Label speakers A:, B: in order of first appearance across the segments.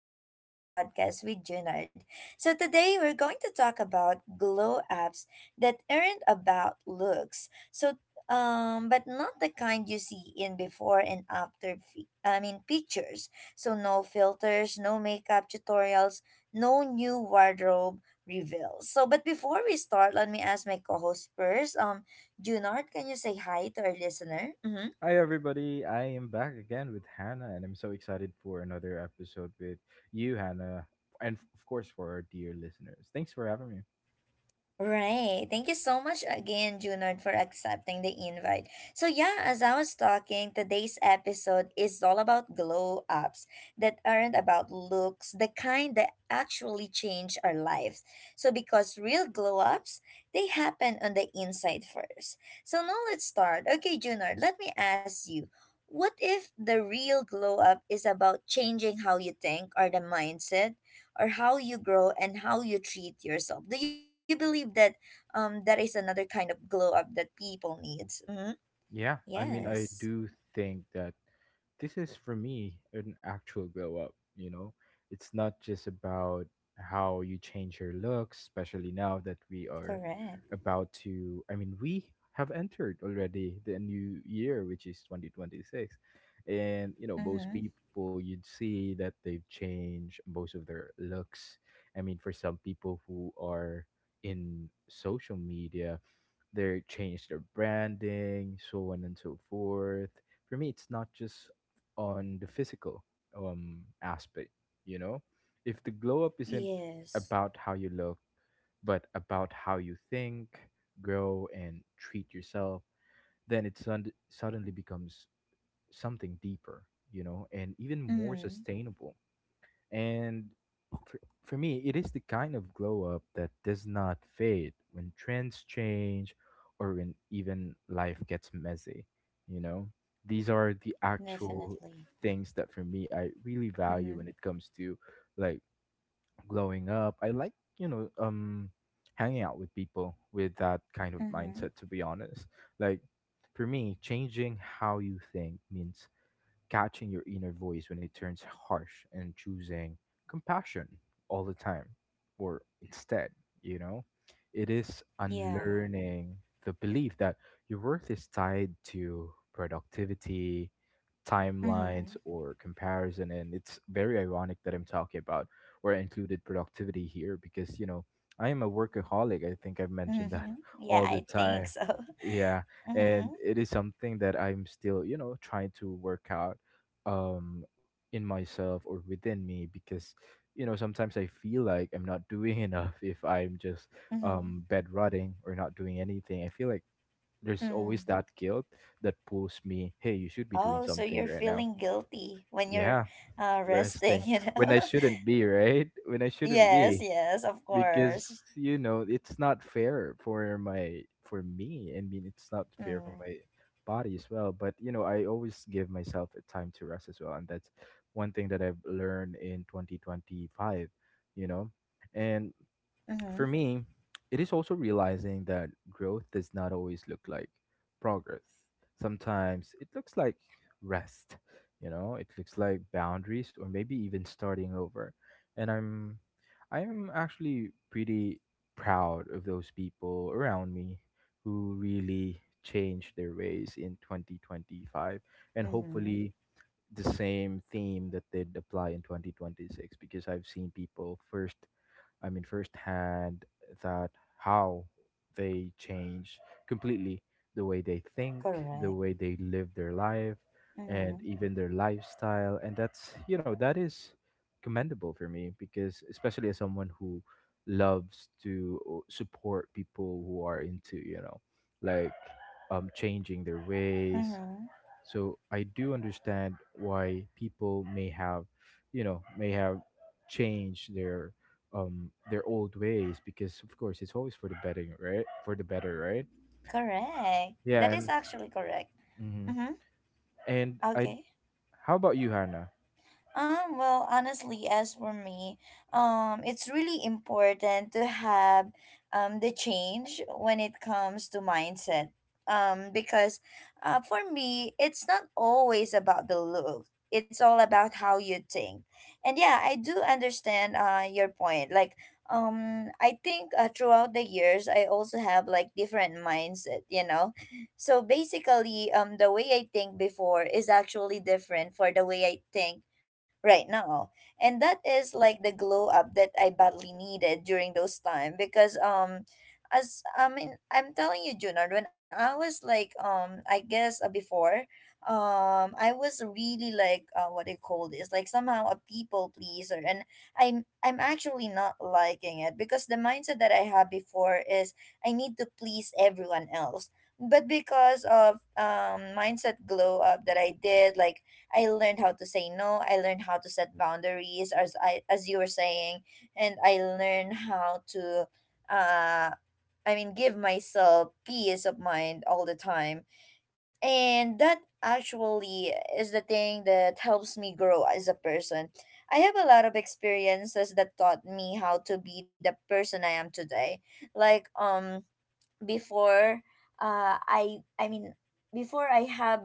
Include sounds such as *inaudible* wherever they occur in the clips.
A: back to another podcast with Junard. Today we're going to talk about glow apps that aren't about looks. But not the kind you see in before and after, pictures. So, no filters, no makeup tutorials, no new wardrobe reveals. But before we start, let me ask my co host first. Junard, can you say hi to our listener? Mhm.
B: Hi everybody, I am back again with Hannah and I'm so excited for another episode with you Hannah and of course for our dear listeners. Thanks for having me.
A: Right. Thank you so much again, Junard, for accepting the invite. So yeah, as I was talking, today's episode is all about glow ups that aren't about looks, the kind that actually change our lives. So because real glow ups, they happen on the inside first. So now let's start. Okay, Junard, let me ask you. What if the real glow up is about changing how you think or the mindset or how you grow and how you treat yourself. Do you believe that that is another kind of glow up that people needs? Mm-hmm.
B: Yeah, I mean, I do
A: Yes,
B: think that this is for me an actual glow up, you know? It's not just about how you change your looks, especially now that we are
A: correct.
B: about to, I mean, we have entered already the new year, which is 2026. And, you know, most
A: Mm-hmm.
B: people you'd see that they've changed most of their looks. I mean, for some people who are in social media, they change their branding, so on and so forth. For me, it's not just on the physical aspect, you know. If the glow up isn't about
A: Yes.
B: how you look, but about how you think, grow, and treat yourself, then it suddenly becomes something deeper, you know, and even more
A: Mm-hmm.
B: sustainable and for, for me, it is the kind of glow up that does not fade when trends change or when even life gets messy. You know, these are the actual
A: Definitely.
B: things that for me I really value when it
A: Mm-hmm.
B: comes to like glowing up. I like, you know, hanging out with people with that kind of mindset,
A: Mm-hmm.
B: to be honest. Like, for me, changing how you think means catching your inner voice when it turns harsh and choosing compassion all the time or instead, you know, it is
A: Yeah.
B: unlearning the belief that your worth is tied to productivity, timelines,
A: Mm-hmm.
B: or comparison. And it's very ironic that I'm talking about or I included productivity here because, you know, I am a workaholic. I think I've mentioned that
A: Mm-hmm.
B: *laughs* all
A: Yeah,
B: the
A: I think
B: time.
A: so. *laughs*
B: Yeah, and
A: Mm-hmm.
B: it is something that I'm still, you know, trying to work out um in myself or within me because, you know, sometimes I feel like I'm not doing *laughs* enough. If I'm just
A: Mm-hmm.
B: bed rotting or not doing anything, I feel like there's
A: Mm.
B: always that guilt that pulls me, hey, you should be doing
A: Oh, so
B: something
A: you're
B: right now.
A: feeling guilty when you're
B: Yeah,
A: resting,
B: resting
A: *laughs*?
B: when I shouldn't be, right? When I
A: *laughs*
B: shouldn't
A: Yes,
B: be,
A: yes, of
B: because,
A: course.
B: you know, it's not fair for my for me. I mean, it's not fair for
A: Mm.
B: my body as well. But, you know, I always give myself a time to rest as well, and that's one thing that I've learned in 2025. You know, and for
A: Mm-hmm.
B: me, it is also realizing that growth does not always look like progress. Sometimes it looks like rest, you know, it looks like boundaries or maybe even starting over. And I'm actually pretty proud of those people around me who really changed their ways in 2025 and
A: Mm-hmm.
B: hopefully the same theme that they'd apply in 2026, because I've seen people firsthand that how they change completely the way they think, the
A: Correct.
B: way they live their life, and
A: Mm-hmm.
B: even their lifestyle. And that's, you know, that is commendable for me because, especially as someone who loves to support people who are into, you know, like changing their ways,
A: Mm-hmm.
B: so I do understand why people may have changed their old ways because, of course, it's always for the better, right? For the better, right?
A: Correct.
B: Yeah,
A: That is
B: and
A: actually correct.
B: hmm,
A: Mm-hmm.
B: and I,
A: Okay.
B: how about you, Hannah?
A: Well, honestly, as for me, it's really important to have the change when it comes to mindset. Because For me, it's not always about the look. It's all about how you think. And yeah, I do understand your point. Like, I think throughout the years, I also have like different mindset, you know? So basically, the way I think before is actually different for the way I think right now. And that is like the glow up that I badly needed during those time because as I mean I'm telling you Junard when I was like I guess before I was really like what do you call this like somehow a people pleaser and I'm actually not liking it because the mindset that I had before is I need to please everyone else but because of mindset glow up that I did like I learned how to say no. I learned how to set boundaries, as I as you were saying, and I learned how to, uh, give myself peace of mind all the time, and that actually is the thing that helps me grow as a person. I have a lot of experiences that taught me how to be the person I am today. Like before uh I I mean before I have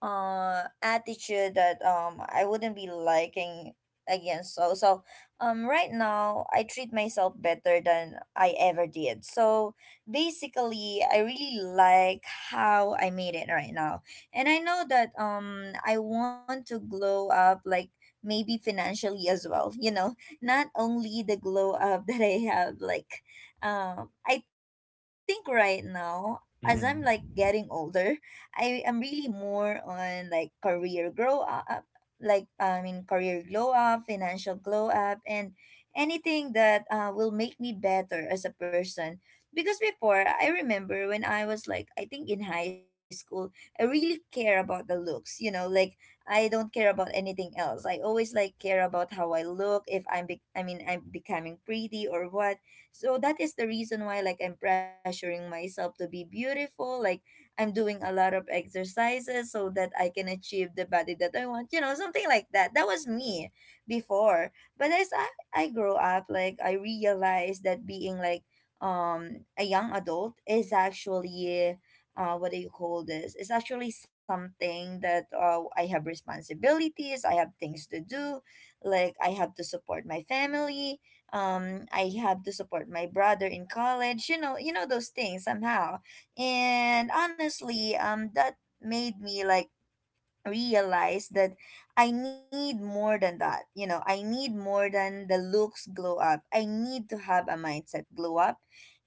A: attitude that I wouldn't be liking again. So right now I treat myself better than I ever did. So basically I really like how I made it right now. And I know that I want to glow up like maybe financially as well, you know, not only the glow up *laughs* that I have like I think right now, as I'm like getting
B: Mm-hmm.
A: older, I am really more on like career grow up, like I mean career glow up, financial glow up, and anything that will make me better as a person. Because before, I remember when I was like, I think in high school, I really care about the looks, you know, like I don't care about anything else. I always like care about how I look, if I'm, be- I mean, I'm becoming pretty or what so that is the reason why like I'm pressuring myself to be beautiful, like I'm doing a lot of exercises so that I can achieve the body that I want, you know, something like that. That was me before. But as I grow up, like I realized that being like a young adult is actually what do you call this? It's actually something that I have responsibilities, I have things to do, like I have to support my family, I have to support my brother in college you know those things somehow and honestly that made me like realize that I need more than that. You know, I need more than the looks glow up. I need to have a mindset glow up.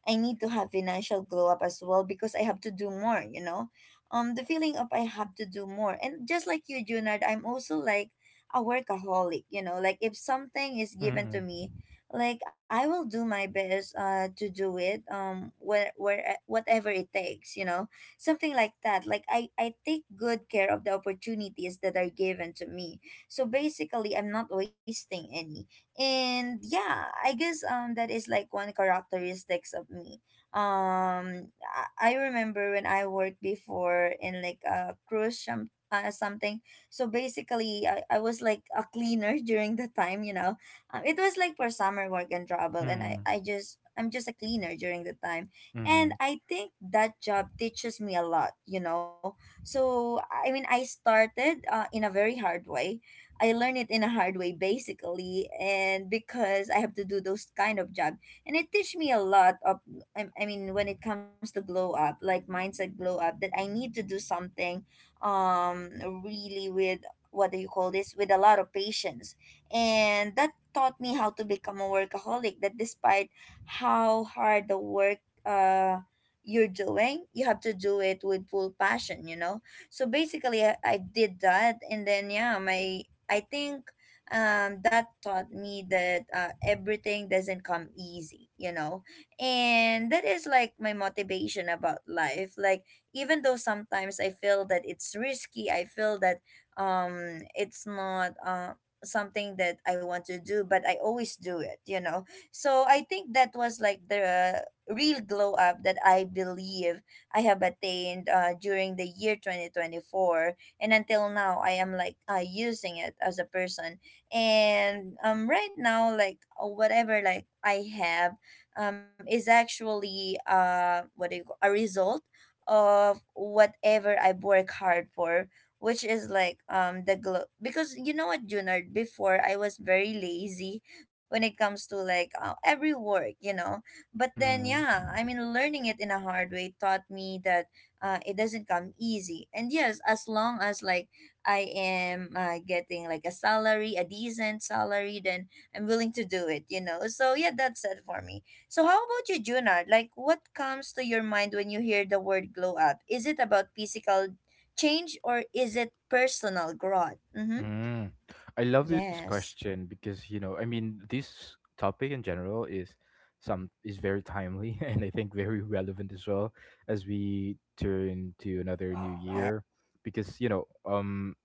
A: I need to have financial glow up as well because I have to do more, you know. The feeling of I have to do more. And just like you, Junard, I'm also like a workaholic, you know, like if something is given
B: Mm-hmm.
A: to me, like I will do my best to do it where whatever it takes, you know something like that like i take good care of the opportunities that are given to me so basically I'm not wasting any and yeah I guess that is like one characteristics of me I remember when I worked before in like a something so basically I was like a cleaner *laughs* during the time you know it was like for summer work and travel and i'm just a cleaner during the time and
B: Mm-hmm.
A: I think that job teaches me a lot, you know. So, I mean, I started in a very hard way. I learned it in a hard way, basically, and because I have to do those kind of job, and it teach me a lot of. When it comes to glow up, like mindset glow up, that I need to do something, um, really with what do you call this? With a lot of patience, and that taught me how to become a workaholic. That despite how hard the work uh you're doing you have to do it with full passion you know so basically I did that and then yeah my I think that taught me that everything doesn't come easy you know and that is like my motivation about life like even though sometimes I feel that it's risky I feel that it's not something that I want to do but I always do it you know so I think that was like the real glow up that I believe I have attained during the year 2024. And until now, I am like using it as a person. And right now, like whatever like I have is actually what do you call, a result of whatever I work hard for which is like the glow because you know what Junard before I was very lazy when it comes to like every work you know but then
B: Mm-hmm.
A: yeah I mean learning it in a hard way taught me that it doesn't come easy and yes as long as like I am getting like a decent salary then I'm willing to do it you know so yeah that's it for me so how about you junard like what comes to your mind when you hear the word glow up is it about physical change or is it personal growth mm-hmm
B: Mm. I love this
A: yes
B: question because, you know, I mean, this topic in
A: mm-hmm
B: general is
A: yes
B: some is very
A: so
B: timely *laughs* and I think very relevant as well as
A: correct
B: we
A: mm-hmm
B: turn to another new
A: yes
B: year. Because, you know,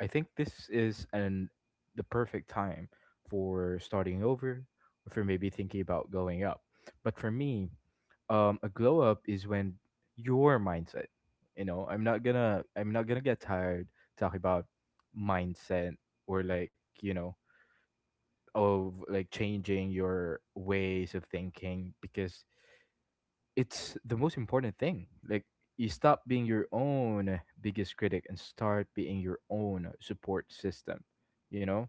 B: I think this is an the
A: mm-hmm
B: perfect time
A: Yes.
B: for starting over or for maybe thinking about going up. But for me, a glow up is when your mindset. You know, I'm not gonna get tired talking about mindset or, like, you know, of like changing your ways of thinking because it's the most important thing. Like, you stop being your own biggest critic and start being your own support system, you know?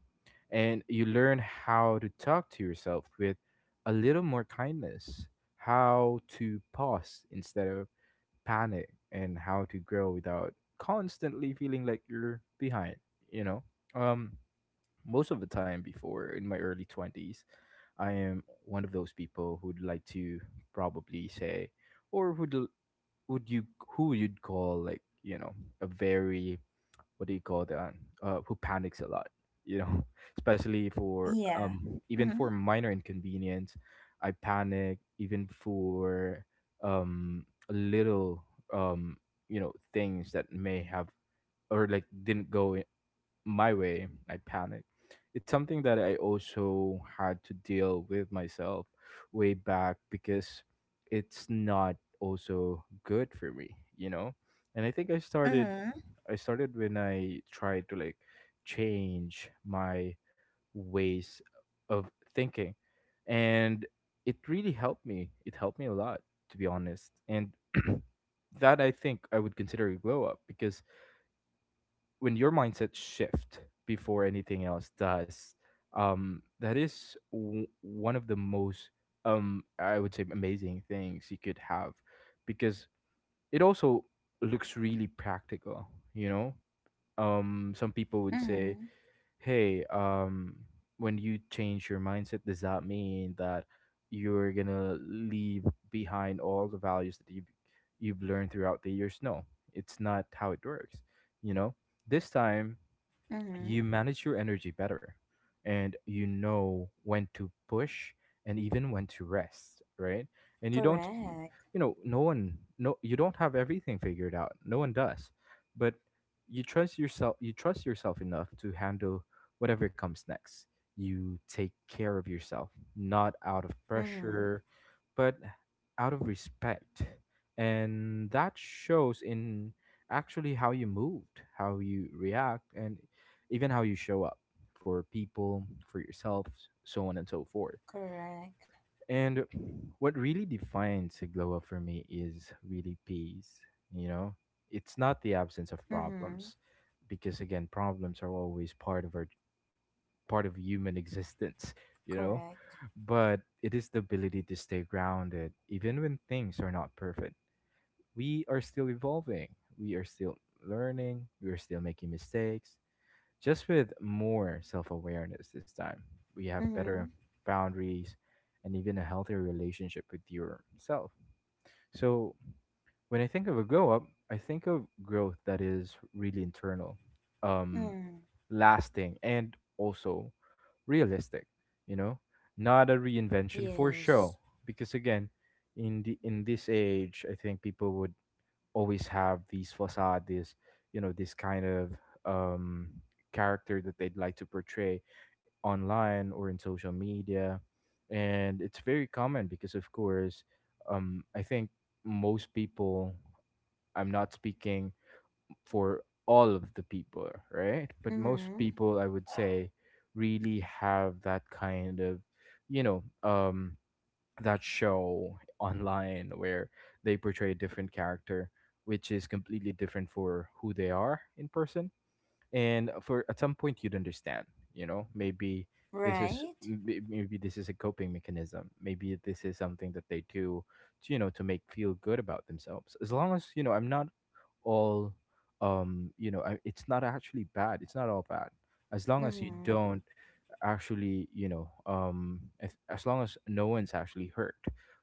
B: And you learn how to talk to yourself with a little more kindness, how to pause instead of panic, and how to grow without constantly feeling like you're behind, you know? Um Most of the time before in my early 20s, I am one of those people who'd like to probably say or would l- would you who you'd call, like, you know, a very, what do you call that, who panics a lot, you know, *laughs* especially for
A: Yeah.
B: even for
A: Mhm.
B: minor inconvenience. I panic even for little um you know, things that may have or like didn't go my way, I panic. It's something that I also had to deal with myself way back because it's not also good for me, you know? And I think
A: Mhm.
B: I started when I tried to like change my ways of thinking and it really helped me. It helped me a lot, to be honest. And *clears throat* that I think I would consider a glow up because when your mindset shift before anything else does, that is one of the most, I would say, amazing things you could have because it also looks really practical, you know. Some people would say,
A: Mhm.
B: hey, when you change your mindset, does that mean that you're gonna leave behind all the values that you've learned throughout the years? No, it's not how it works, you know. This time you
A: Mhm.
B: manage your energy better and you know when to push and even when to rest, right? And you don't,
A: Correct.
B: you know, no one no you don't have everything figured out, no one does. But you trust yourself, you trust yourself enough to handle whatever comes next. You take care of yourself not out of
A: Mhm.
B: pressure but out of respect, and that shows in actually how you moved, how you react, and even how you show up for people, for yourself, so on and so forth.
A: Correct.
B: And what really defines Sigloa for me is really peace. You know, it's not the absence of problems,
A: Mhm.
B: because again, problems are always part of our part of human *laughs* existence. You know,
A: Correct.
B: but it is the ability to stay grounded even when things are not perfect. We are still evolving. We are still learning. We are still making mistakes just with more self awareness this time. We have better
A: Mhm.
B: boundaries and even a healthier relationship with yourself. So, when I think of a grow up, I think of growth that is really internal, um,
A: Mhm.
B: lasting, and also realistic, you know, not a reinvention for show.
A: Yes.
B: Because again, in the in this age, I think people would always have these facade, this, you know, this kind of um, character that they'd like to portray online or in social media, and it's very common because, of course, I think most people. I'm not speaking for all of the people, right? But most
A: Mhm.
B: people, I would say, really have that kind of, you know, that show online where they portray a different character which is completely different for who they are in person. And for at some point you'd understand, you know, maybe
A: Right.
B: maybe this is a coping mechanism, maybe this is something that they do to, you know, to make feel good about themselves. As long as, you know, I'm not all you know I, it's not actually bad, it's not all bad, as long as you
A: Mhm.
B: don't actually, you know, as long as no one's actually hurt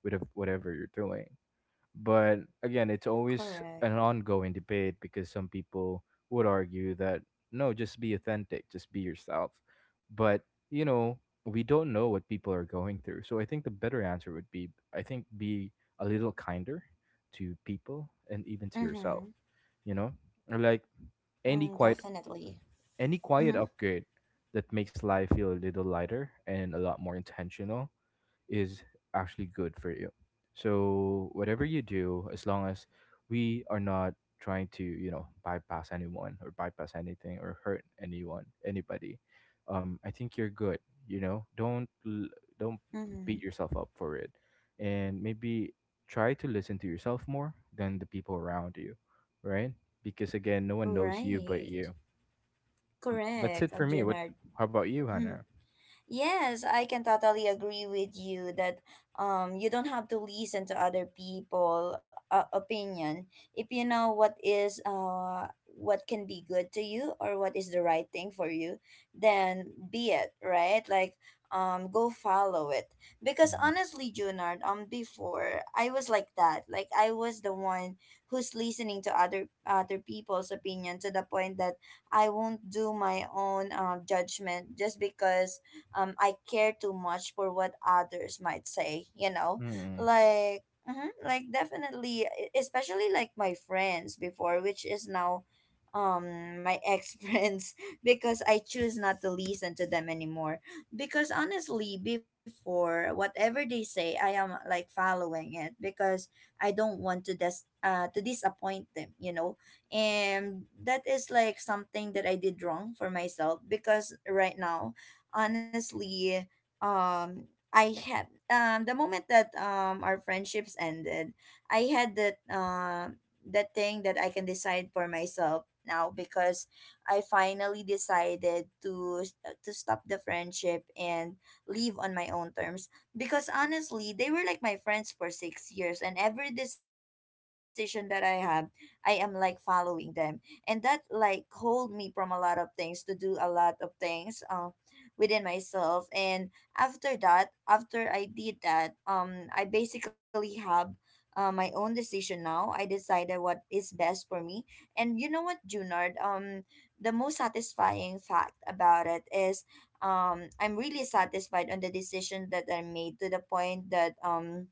B: with whatever you're doing. But again, it's always an
A: Correct.
B: ongoing debate because some people would argue that no, just be authentic, just be yourself. But, you know, we don't know what people are going through, so I think the better answer would be, I think, be a little kinder to people and even to yourself,
A: Mhm.
B: you know. Or like any
A: Mm,
B: quiet
A: definitely.
B: any quiet
A: Mhm.
B: upgrade that makes life feel a little lighter and a lot more intentional is actually good for you. So whatever you do, as long as we are not trying to, you know, bypass anyone or bypass anything or hurt anyone, anybody, I think you're good. You know, don't beat
A: Mhm.
B: yourself up for it, and maybe try to listen to yourself more than the people around you, right? Because again, no one knows you but
A: Right.
B: you. Mm,
A: Correct,
B: that's it for me.
A: Junard.
B: What? How about you,
A: *laughs*
B: Hannah?
A: Yes, I can totally agree with you that you don't have to listen to other people opinion if you know what is what can be good to you or what is the right thing for you then be it right like go follow it because
B: Mm-hmm.
A: honestly Junard before I was like that like I was the one who's listening to other people's opinion to the point that I won't do my own judgment just because I care too much for what others might say, you know? Like mhm, like definitely especially like my friends before which is now my ex *laughs* friends because I choose not to listen to them anymore because honestly before whatever they say I am like following it because I don't want to disappoint them, you know? And that is like something that I did wrong for myself because right now honestly, um, I had the moment that our friendships ended, I had that that thing that I can decide for myself now because I finally decided to stop the friendship and leave on my own terms because honestly they were like my friends for six years and every decision that I have I am like following them and that like hold me from a lot of things to do a lot of things within myself. And after that, after I did that, I basically have my own decision now. I decided what is best for me. And you know what, Junard? The most satisfying fact about it is I'm really satisfied on the decision that I made to the point that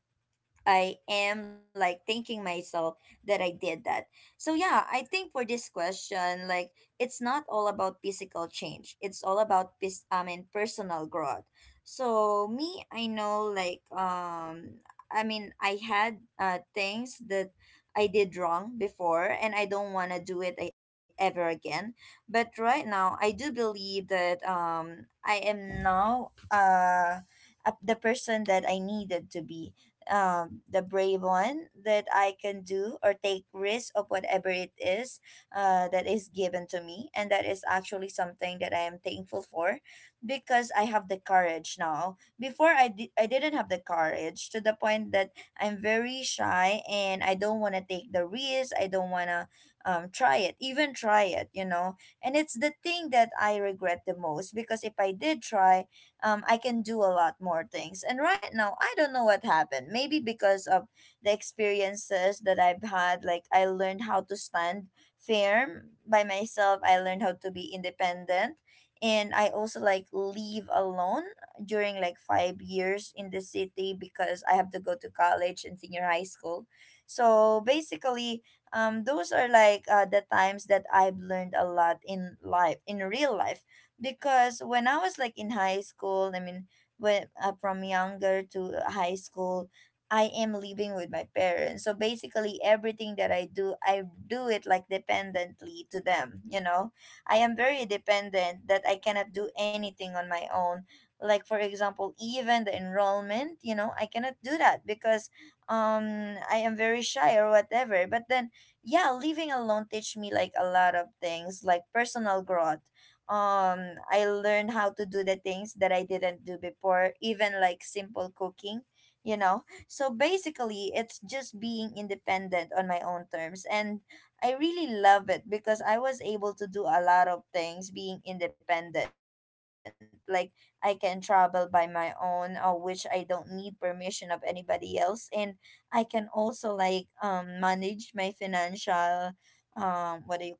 A: I am like thanking myself that I did that. So yeah, I think for this question, like it's not all about physical change. It's all about I mean personal growth. So me, I know like I mean I had things that I did wrong before and I don't want to do it ever again. But right now, I do believe that I am now the person that I needed to be, the brave one that I can do or take risk of whatever it is that is given to me. And that is actually something that I am thankful for because I have the courage now. Before, I didn't have the courage to the point that I'm very shy and I don't want to take the risk. I don't want to try it, even try it. And it's the thing that I regret the most because if I did try, I can do a lot more things. And right now, I don't know what happened. Maybe because of the experiences that I've had, like I learned how to stand firm by myself, I learned how to be independent. And I also like leave alone during like 5 years in the city because I have to go to college and senior high school. So basically, those are like the times that I've learned a lot in life, in real life, because when I was like in high school, I mean, when, from younger to high school, I am living with my parents. So basically, everything that I do it like dependently to them. You know, I am very dependent that I cannot do anything on my own. Like for example, even the enrollment, you know, I cannot do that because I am very shy or whatever. But then yeah, living alone teach me like a lot of things, like personal growth. I learned how to do the things that I didn't do before, even like simple cooking, you know. So basically it's just being independent on my own terms, and I really love it because I was able to do a lot of things being independent. Like I can travel by my own, which I don't need permission of anybody else. And I can also like manage my financial, what do you call this,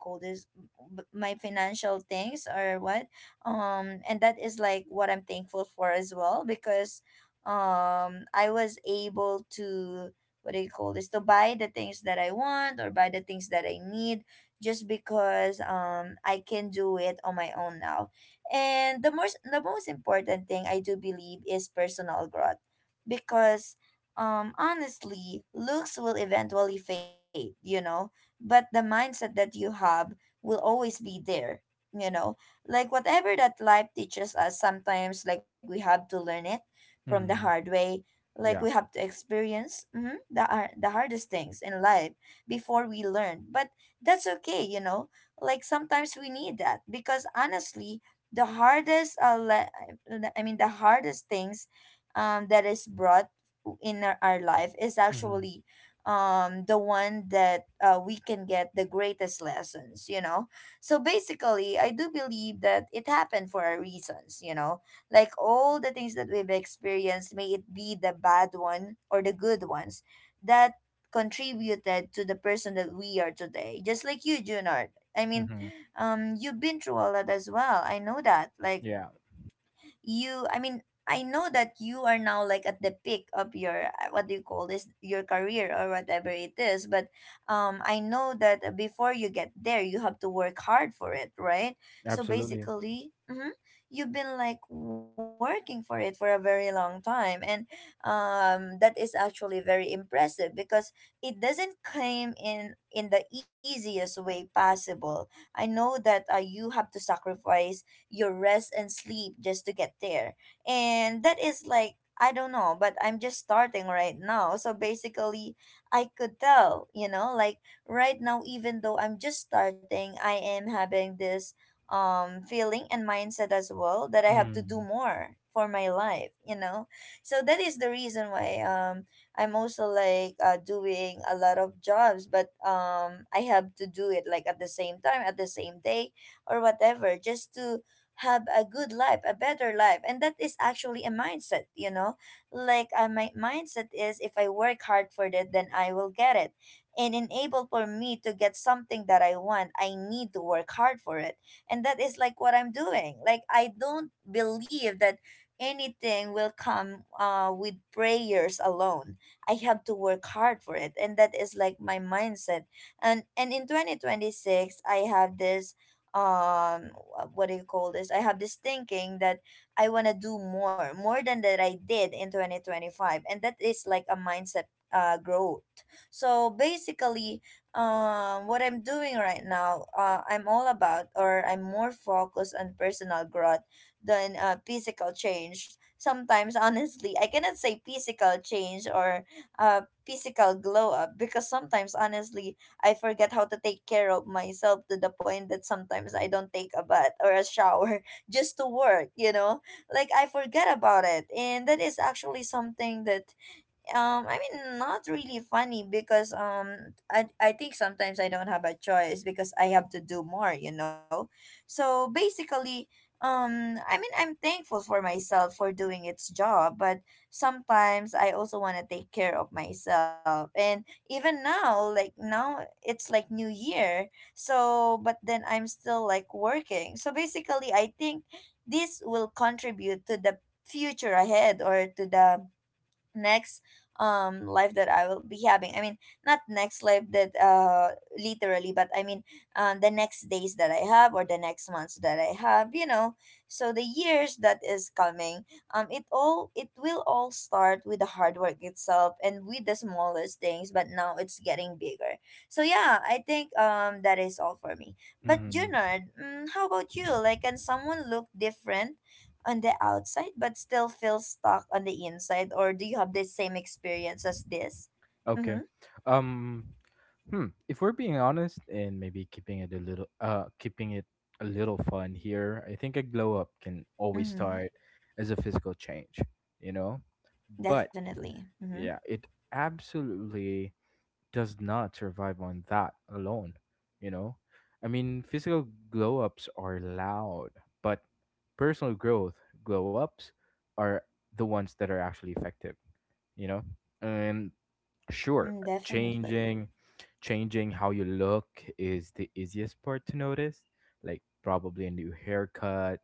A: my financial things or what. And that is like what I'm thankful for as well because I was able to, what do you call this, to buy the things that I want or buy the things that I need, just because I can do it on my own now. And the most important thing I do believe is personal growth, because honestly looks will eventually fade, you know, but the mindset that you have will always be there, you know. Like whatever that life teaches us, sometimes like we have to learn it from the
B: Mm-hmm.
A: hard way, like we
B: Yeah.
A: have to experience the hardest things in life before we learn. But that's okay, you know, like sometimes we need that, because honestly the hardest I mean the hardest things that is brought in our life is
B: Mm-hmm.
A: actually the one that we can get the greatest lessons, you know. So basically I do believe that it happened for a reasons, you know, like all the things that we've experienced, may it be the bad one or the good ones, that contributed to the person that we are today, just like you, Junard. I mean, you've been through a lot as well. I know that like
B: Yeah,
A: you I mean I know that you are now like at the peak of your, what do you call this, your career or whatever it is. But I know that before you get there you have to work hard for it, right? So
B: absolutely.
A: basically you've been like working for it for a very long time. And that is actually very impressive, because it doesn't come in the easiest way possible. I know that you have to sacrifice your rest and sleep just to get there. And that is like, I don't know, but I'm just starting right now. So basically, I could tell, you know, like right now, even though I'm just starting, I am having this feeling and mindset as well that I have to do
B: Mm,
A: more for my life, you know. So that is the reason why I'm also like doing a lot of jobs, but I have to do it like at the same time, at the same day, or whatever, just to have a good life, a better life. And that is actually a mindset, you know? Like, my mindset is if I work hard for it, then I will get it. And enable for me to get something that I want, I need to work hard for it. And that is like what I'm doing. Like, I don't believe that anything will come with prayers alone. I have to work hard for it. And that is like my mindset. And in 2026, I have this what do you call this, I have this thinking that I want to do more, more than that I did in 2025. And that is like a mindset, growth. So basically what I'm doing right now, I'm all about, or I'm more focused on personal growth than physical change. Sometimes honestly I cannot say physical change or physical glow up, because sometimes honestly I forget how to take care of myself to the point that sometimes I don't take a bath or a shower *laughs* just to work, you know? Like I forget about it. And that is actually something that I mean, not really funny, because I think sometimes I don't have a choice because I have to do more, you know. So basically I mean I'm thankful for myself for doing its job, but sometimes I also want to take care of myself. And even now, like now it's like new year, so. But then I'm still like working. So basically I think this will contribute to the future ahead, or to the next life that I will be having. I mean, not next life that literally, but I mean the next days that I have or the next months that I have, you know. So the years that is coming, it will all start with the hard work itself and with the smallest things, but now it's getting bigger. So yeah, I think that is all for me. But
B: mm,
A: Junard, mm, how about you, like can someone look different on the outside but still feel stuck on the inside? Or do you have the same experience as this?
B: okay.
A: Mm-hmm.
B: Um, hmm. If we're being honest and maybe keeping it a little, keeping it a little fun here, I think a glow up can always
A: Mm-hmm.
B: start as a physical change, you know. But
A: Definitely. Mm-hmm.
B: yeah, it absolutely does not survive on that alone, you know? I mean, physical glow ups are loud, but personal growth glow ups are the ones that are actually effective, you know? And sure,
A: Mm, definitely.
B: changing changing how you look is the easiest part to notice, like probably a new haircut,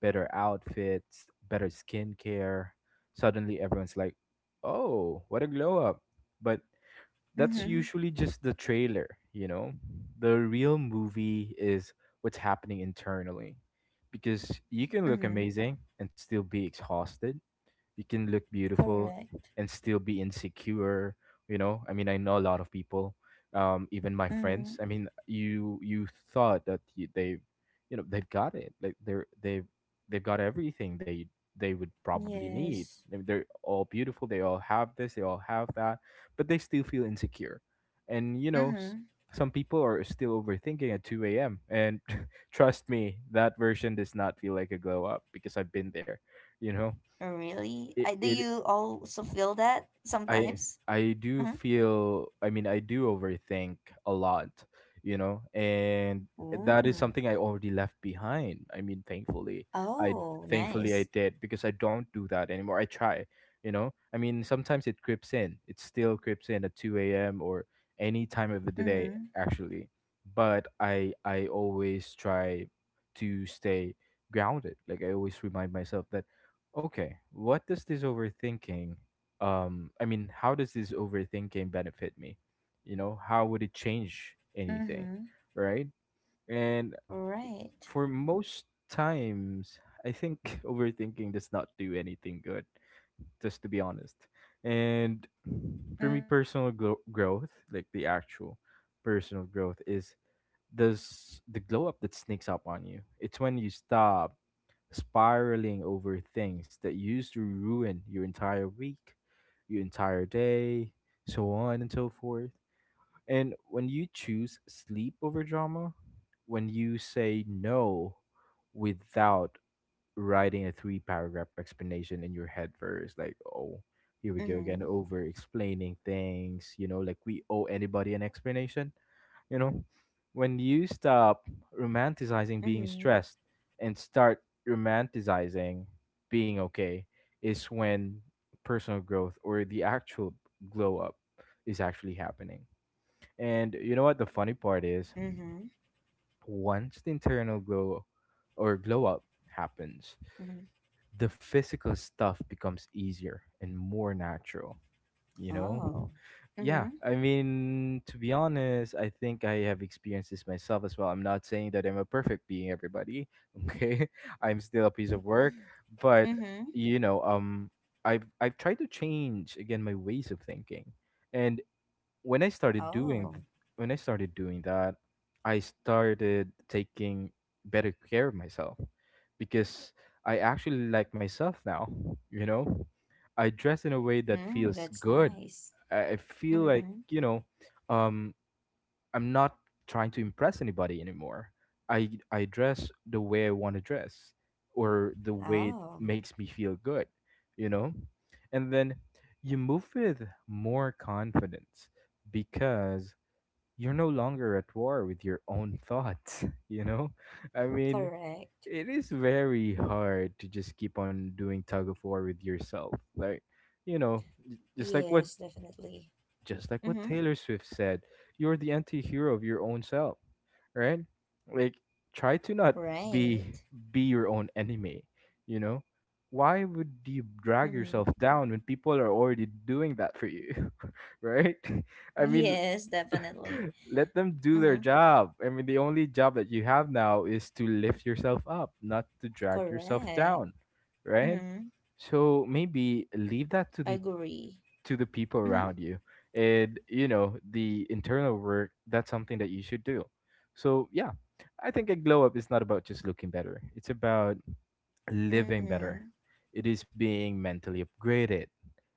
B: better outfits, better skincare. Suddenly everyone's like, "Oh, what a glow up." But that's
A: Mm-hmm.
B: usually just the trailer, you know? The real movie is what's happening internally, because you can look
A: Mm-hmm.
B: amazing and still be exhausted. You can look beautiful
A: Correct.
B: and still be insecure. You know, I mean, I know a lot of people, even my
A: Mm-hmm.
B: friends. I mean, you thought that they, you know, they've got it, like they've got everything, they would probably need.
A: Yes.
B: They're all beautiful, they all have this, they all have that, but they still feel insecure. And you know,
A: Mm-hmm.
B: some people are still overthinking at 2 a.m., and *laughs* trust me, that version does not feel like a glow up, because I've been there.
A: Really?
B: You
A: I, do
B: know,
A: you also
B: it,
A: feel
B: it
A: that sometimes?
B: I
A: Mm-hmm.
B: I do feel, I mean, I do overthink a lot, you know, and that is
A: Ooh.
B: something I already left behind. I mean, I
A: Oh,
B: thankfully
A: nice.
B: I did, because I don't do that anymore. I try, you know. I mean, sometimes it creeps in. It still creeps in at 2 a.m. or any time of the day,
A: Mm-hmm.
B: actually. But I always try to stay grounded. Like, I always remind myself that, okay, what does this overthinking I mean how does this overthinking benefit me? You know, how would it change anything,
A: Mm-hmm.
B: right? And
A: Right.
B: for most times, I think, *laughs* overthinking does not do anything good, just to be honest.
A: Mm,
B: And
A: correct.
B: for me, growth, like the actual personal growth, is this the glow up that sneaks up on you. It's when you stop spiraling over things that used to ruin your entire week, your entire day, so on and so forth. And when you choose sleep over drama, when you say no without writing a three paragraph explanation in your head first, like,
A: Mm-hmm.
B: oh, here we go again, over explaining things, you know, like we owe anybody an explanation, you know. When you stop
A: Mm-hmm.
B: romanticizing being stressed and start romanticizing being okay, is when personal growth, or the actual glow up, is actually happening. And you know what the funny
A: Mm-hmm.
B: part is? Once the internal glow, or glow up,
A: Mm-hmm.
B: happens, the physical stuff becomes easier and more natural, you know.
A: Oh.
B: Yeah,
A: Mhm.
B: I mean, to be honest, I think I have experienced this myself as well. I'm not saying that I'm a perfect being, everybody, *laughs* okay. I'm still a piece of work, but
A: Mhm.
B: you know, I've tried to change, again, my ways of thinking, and when I started doing
A: Oh.
B: th- when I started doing that, I started taking better care of myself, because I actually like myself now. You know, I dress in a way that
A: Mm,
B: feels
A: that's
B: good.
A: nice.
B: I feel like,
A: Mhm.
B: you know, um, I'm not trying to impress anybody anymore. I dress the way I want to dress, or the way it
A: Oh.
B: makes me feel good, you know? And then you move with more confidence, because you're no longer at war with your own thoughts, *laughs* you know? I mean,
A: Correct.
B: it is very hard to just keep on doing tug of war with yourself. Like, you know,
A: Yes, definitely.
B: just like what
A: Mhm.
B: Taylor Swift said, you're the anti-hero of your own self, right? Like, try to not
A: Right.
B: be be your own enemy, you know? Why would you drag
A: Mhm.
B: yourself down when people are already doing that for you? *laughs* Right? *laughs* I mean,
A: Yes,
B: *laughs*
A: definitely.
B: let them do their
A: Mhm.
B: job. I mean, the only job that you have now is to lift yourself up, not to drag yourself
A: Correct.
B: down, right?
A: Mhm.
B: So maybe leave that
A: Agree.
B: to the people
A: Mhm.
B: around you, and you know, the internal work, that's something that you should do. So yeah, I think a glow up is not about just looking better, it's about living
A: Mhm.
B: better. It is being mentally upgraded,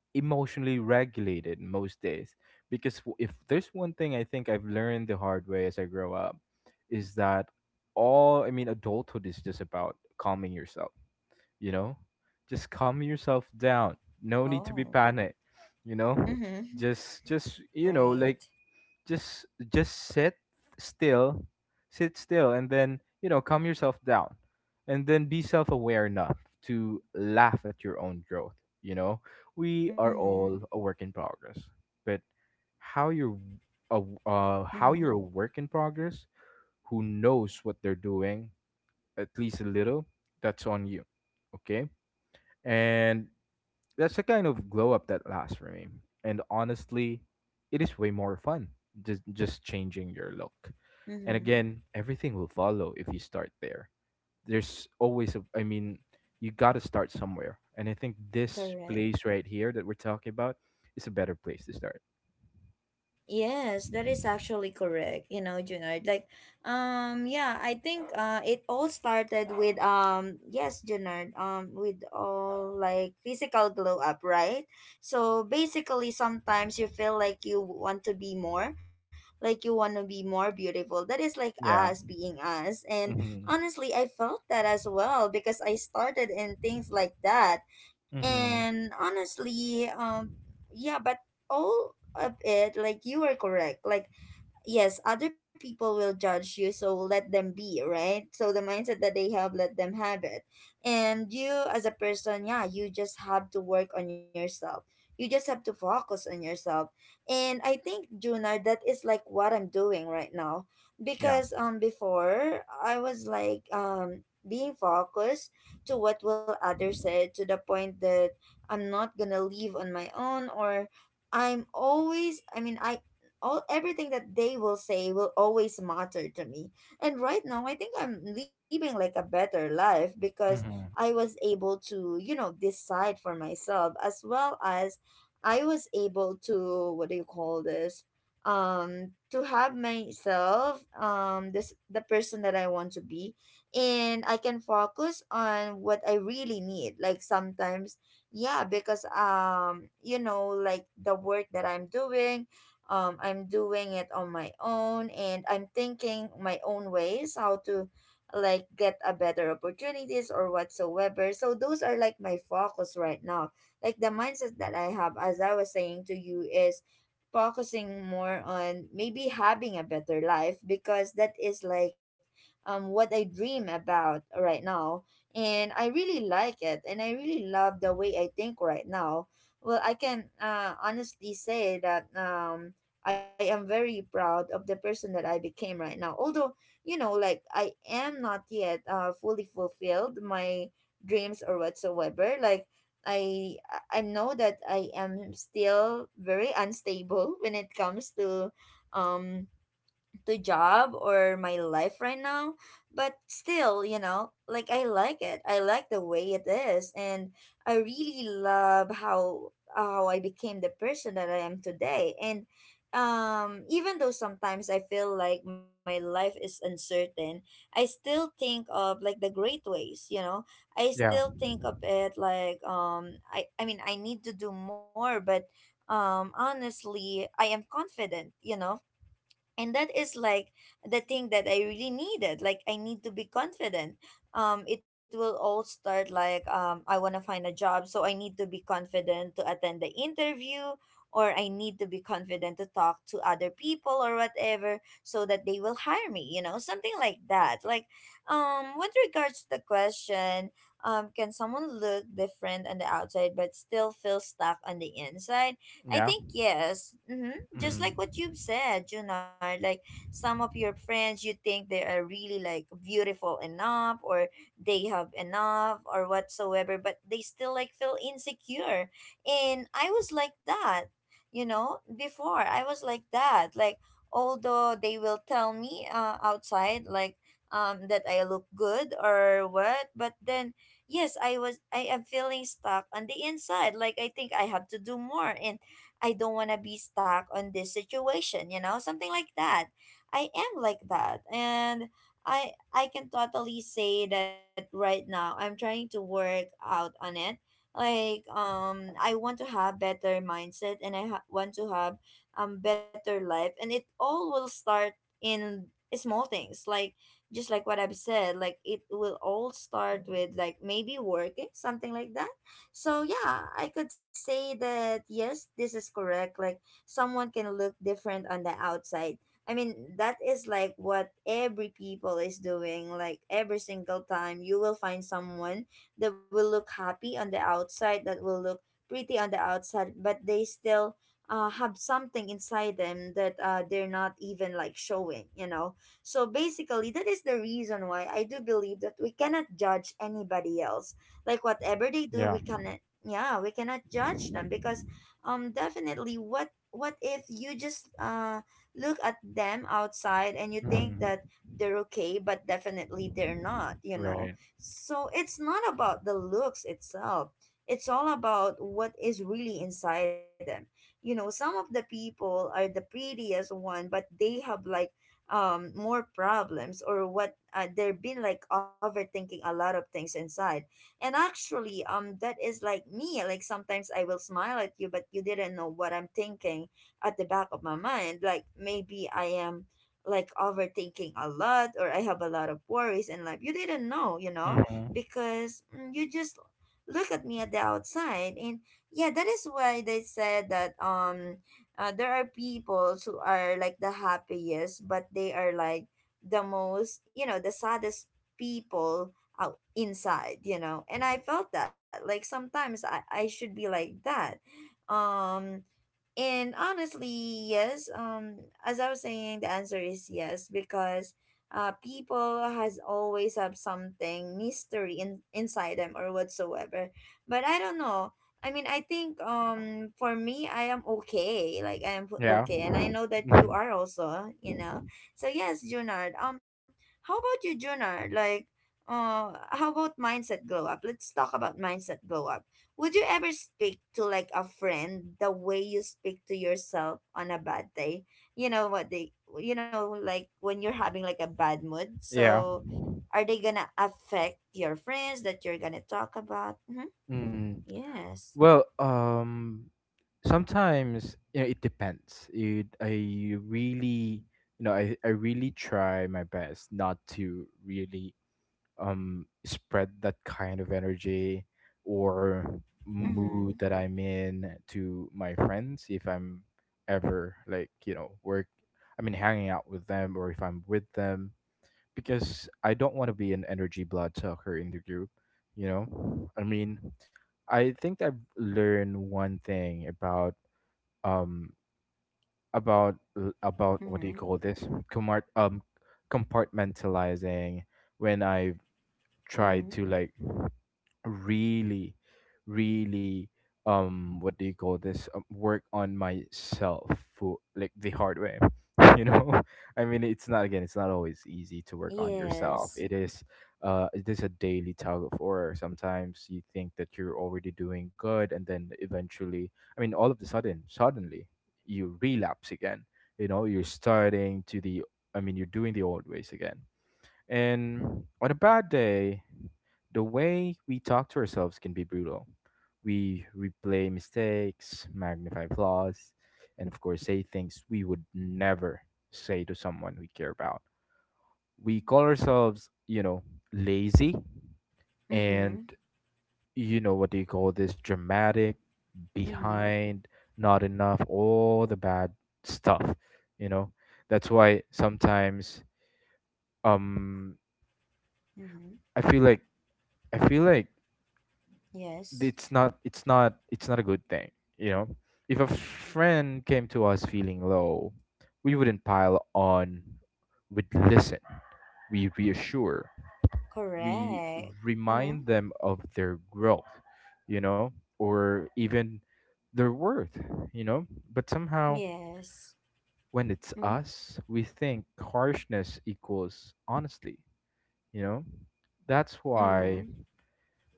B: emotionally regulated most days, because if there's one thing I think I've learned the hard way as I grow up, is that all I mean, adulthood is just about calming yourself, you know. Just calm yourself down, no need to
A: Oh.
B: be panicked. You know,
A: Mhm.
B: just you know,
A: Right.
B: like, just just sit still sit still, and then, you know, calm yourself down, and then be self-aware enough to laugh at your own growth, you know. We are
A: Mhm.
B: all a work in progress, but how you're how
A: Mhm.
B: you're a work in progress who knows what they're doing, at least a little, that's on you, okay? And that's a kind of glow up that lasts, for me. And honestly, it is way more fun just changing your look. And
A: Mhm.
B: again, everything will follow if you start there. There's always a I mean, you got to start somewhere. And I think this place
A: Correct.
B: right here that we're talking about is a better place to start.
A: Yes, that is actually correct. You know, Junard. Like, yeah, I think it all started with yes, Junard. With all like physical glow up, right? So basically, sometimes you feel like you want to be more, like you want to be more beautiful. That is like us
B: Yeah.
A: being us, and
B: Mhm.
A: honestly, I felt that as well because I started in things like that,
B: Mhm.
A: and honestly, yeah, but all of it, like you are correct, like yes, other people will judge you, so let them be, right? So the mindset that they have, let them have it. And you as a person, yeah, you just have to work on yourself. You just have to focus on yourself. And I think, Junar, that is like what I'm doing right now.
B: Yeah.
A: Because before I was like being focused to what will others say, to the point that I'm not gonna leave on my own, or I mean I all everything that they will say will always matter to me. And right now, I think I'm living like a better life because
B: Mhm.
A: I was able to, you know, decide for myself, as well as I was able to, what do you call this? To have myself this the person that I want to be, and I can focus on what I really need. Like sometimes yeah, because you know like the work that I'm doing, I'm doing it on my own and I'm thinking my own ways how to like get a better opportunities or whatsoever, so those are like my focus right now, like the mindset that I have as I was saying to you is focusing more on maybe having a better life because that is like what I dream about right now and I really like it and I really love the way I think right now. Well, I can honestly say that I am very proud of the person that I became right now. Although, you know, like I am not yet fully fulfilled my dreams or whatsoever. Like I know that I am still very unstable when it comes um to job or my life right now, but still you know like I like it, I like the way it is, and I really love how I became the person that I am today. And even though sometimes I feel like my life is uncertain, I still think of like the great ways, you know, I still
B: Yeah.
A: think of it like I mean I need to do more. But honestly I am confident, you know, and that is like the thing that I really needed. Like I need to be confident. It will all start like I want to find a job, so I need to be confident to attend the interview, or I need to be confident to talk to other people or whatever so that they will hire me, you know, something like that. Like with regards to the question, can someone look different on the outside but still feel stuck on the inside? I
B: Yeah.
A: think yes. Mm-hmm. Just like
B: Mhm.
A: what you've said, Junar, like some of your friends you think they are really like beautiful enough, or they have enough or whatsoever, but they still like feel insecure. And I was like that, you know, before I was like that. Like although they will tell me outside like that I look good or what, but then yes, I am feeling stuck on the inside. Like I think I have to do more and I don't want to be stuck on this situation, you know, something like that. I am like that. And I can totally say that right now I'm trying to work out on it. Like I want to have better mindset, and I want to have better life, and it all will start in small things like just like what I've said, like it will all start with like maybe working, something like that. So yeah, I could say that yes, this is correct. Like someone can look different on the outside. I mean, that is like what every people is doing. Like every single time you will find someone that will look happy on the outside, that will look pretty on the outside, but they still have something inside them that they're not even like showing, you know. So basically, that is the reason why I do believe that we cannot judge anybody else, like whatever they do
B: Yeah.
A: we cannot, yeah, we cannot judge them because definitely, what if you just look at them outside and you think
B: Mhm.
A: that they're okay, but definitely they're not, you know.
B: Right.
A: So it's not about the looks itself, it's all about what is really inside them. You know, some of the people are the prettiest one, but they have like more problems or what, they've been like overthinking a lot of things inside. And actually that is like me, like sometimes I will smile at you but you didn't know what I'm thinking at the back of my mind. Like maybe I am like overthinking a lot, or I have a lot of worries in life you didn't know, you know.
B: Mhm.
A: Because you just look at me at the outside. And yeah, that is why they said that there are people who are like the happiest but they are like the most, you know, the saddest people out inside, you know. And I felt that, like sometimes I should be like that. um and honestly, yes. As I was saying, the answer is yes because people has always have something mystery in inside them or whatsoever. But I don't know. I mean, I think for me, I am okay. Like I am
B: Yeah.
A: okay, and I know that you
B: Mhm.
A: are also. You know. So yes, Junard. How about you, Junard? Like, how about mindset glow up? Let's talk about mindset glow up. Would you ever speak to like a friend the way you speak to yourself on a bad day? You know what they, you know, like when you're having like a bad mood.
B: Yeah.
A: So are they gonna affect your friends that you're gonna talk about? Mm-hmm.
B: Mm.
A: Yes.
B: Well, sometimes, you know, it depends. I really, you know, I really try my best not to really spread that kind of energy or mood
A: Mm-hmm.
B: that I'm in to my friends, if I'm ever like, you know, work. I mean, hanging out with them, or if I'm with them, because I don't want to be an energy blood sucker in the group, you know? I mean, I think I've learned one thing about, um about about what do you
A: Mm-hmm.
B: call this? Comart Compartmentalizing, when I tried
A: Mm-hmm.
B: to, like, really really what do you call this, work on myself, for like, the hard way, *laughs* you know. I mean, it's not always easy to work on yourself.
A: Yes.
B: It is a daily tug of war. Sometimes you think that you're already doing good, and then eventually, I mean, all of the sudden, suddenly you relapse again. You know, you're starting to the I mean, you're doing the old ways again. And on a bad day, the way we talk to ourselves can be brutal. We replay mistakes, magnify flaws, and of course, say things we would never say to someone we care about. We call ourselves, you know, lazy, and,
A: Mm-hmm.
B: you know, what do you call this? Dramatic,
A: Mm-hmm.
B: behind, not enough, all the bad stuff, you know? That's why sometimes, um
A: Mm-hmm.
B: I feel like I feel like
A: Yes.
B: it's not a good thing, you know. If a friend came to us feeling low, we wouldn't pile on, we'd listen, we reassure, we
A: Correct.
B: remind
A: Mm-hmm.
B: them of their growth, you know, or even their worth, you know. But somehow,
A: Yes.
B: when it's
A: Mm-hmm.
B: us, we think harshness equals honesty, you know. That's why,
A: Mm-hmm.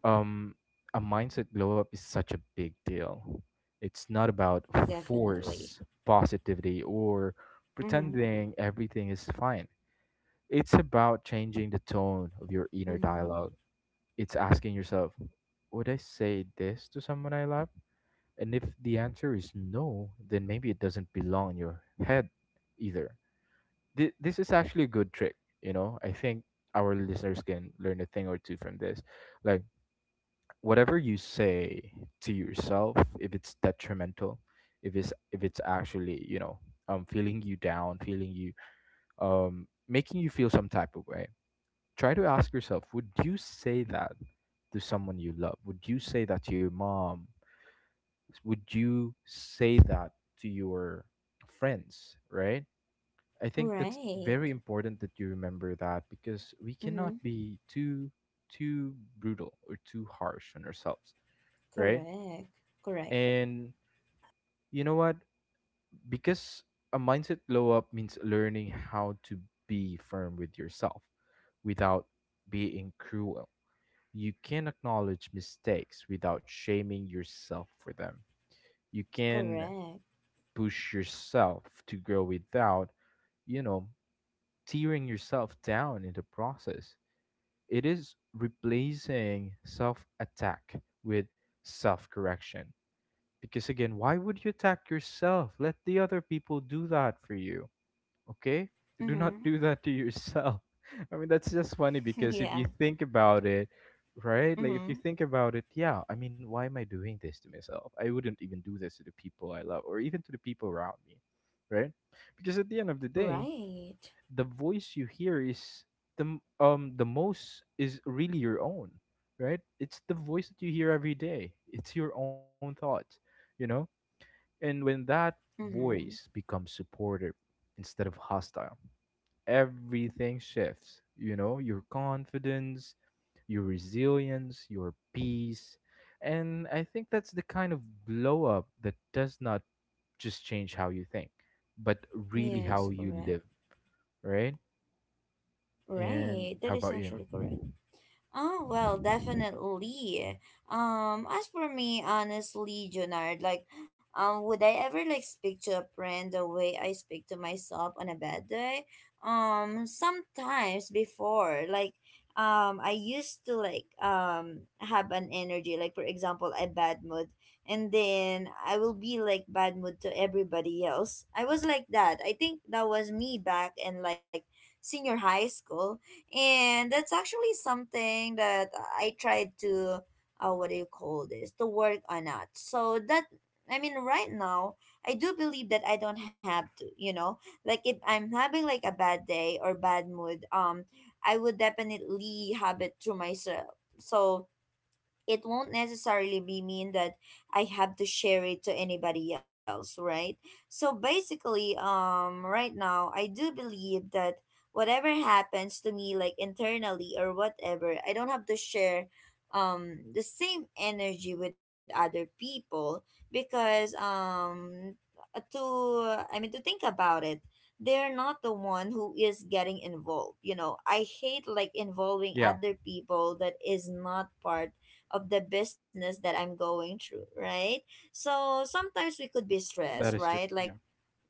B: um a mindset blow up is such a big deal. It's not about force,
A: Definitely.
B: positivity, or
A: Mm-hmm.
B: pretending everything is fine. It's about changing the tone of your inner
A: Mm-hmm.
B: dialogue. It's asking yourself, would I say this to someone I love? And if the answer is no, then maybe it doesn't belong in your head either. This is actually a good trick, you know? I think our listeners can learn a thing or two from this. Like, whatever you say to yourself, if it's detrimental, if it's actually, you know, feeling you, making you feel some type of way, try to ask yourself, would you say that to someone you love? Would you say that to your mom? Would you say that to your friends, right? I think that's
A: Right.
B: very important that you remember that, because we cannot
A: Mm-hmm.
B: be too brutal or too harsh on ourselves, right?
A: Correct. Correct.
B: And you know what? Because a mindset glow up means learning how to be firm with yourself without being cruel. You can acknowledge mistakes without shaming yourself for them. You can
A: Correct.
B: push yourself to grow without, you know, tearing yourself down in the process. It is replacing self attack with self correction. Because again, why would you attack yourself? Let the other people do that for you. Okay? Do not do
A: Mm-hmm.
B: that to yourself. *laughs* I mean, that's just funny,
A: *laughs*
B: because if you
A: yeah.
B: think about it, right? Like,
A: Mm-hmm.
B: if you think about it, yeah, I mean, why am I doing this to myself? I wouldn't even do this to the people I love, or even to the people around me, right? Because at the end of the day,
A: Right.
B: the voice you hear is the most, is really your own, right? It's the voice that you hear every day. It's your own thoughts, you know. And when that
A: Mm-hmm.
B: voice becomes supportive instead of hostile, everything shifts. You know, your confidence, your resilience, your peace. And I think that's the kind of blow up that does not just change how you think, but really
A: Yes,
B: how you
A: correct.
B: live, right? And
A: Right.
B: how
A: That is
B: about you?
A: actually correct. Oh, well, definitely. As for me, honestly, Junard, like, would I ever like speak to a friend the way I speak to myself on a bad day? Sometimes before, like, I used to like have an energy, like for example, a bad mood, and then I will be like bad mood to everybody else. I was like that. I think that was me back in like senior high school, and that's actually something that I tried to what do you call this, to work on that. So that I mean, right now I do believe that I don't have to. You know, like if I'm having like a bad day or bad mood, I would definitely have it to myself. So it won't necessarily be mean that I have to share it to anybody else, right? So basically, right now, I do believe that whatever happens to me, like internally or whatever, I don't have to share the same energy with other people because to I mean to think about it, they're not the one who is getting involved. You know, I hate like involving
B: Yeah,
A: other people that is not part of the business that I'm going through,
B: that is
A: right?
B: true. Yeah.
A: So sometimes we could be stressed, right? Like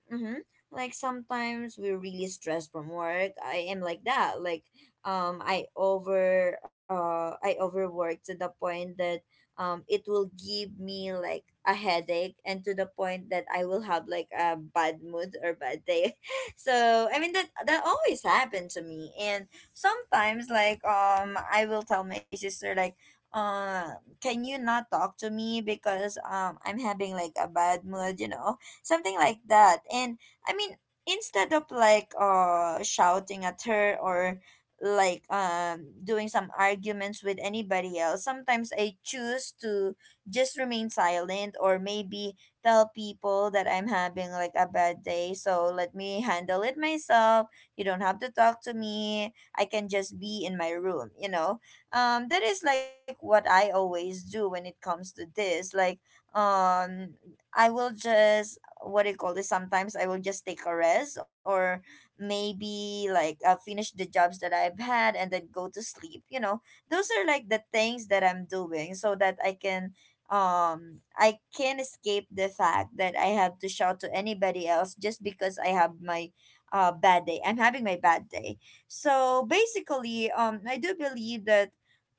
A: mm-hmm. Like sometimes we're really stressed from work. I am like that. Like I overwork to the point that it will give me like a headache, and to the point that I will have like a bad mood or bad day. *laughs* So I mean that always happened to me. And sometimes like I will tell my sister like can you not talk to me because I'm having like a bad mood, you know, something like that. And I mean, instead of like shouting at her, or like doing some arguments with anybody else, sometimes I choose to just remain silent, or maybe tell people that I'm having like a bad day, so let me handle it myself, you don't have to talk to me, I can just be in my room, you know. That is like what I always do when it comes to this. Like um I will just, what do you call this, sometimes I will just take a rest, or maybe like I'll finish the jobs that I've had and then go to sleep, you know. Those are like the things that I'm doing so that I can I can escape the fact that I have to shout to anybody else just because I have my bad day, I'm having my bad day. So basically, I do believe that,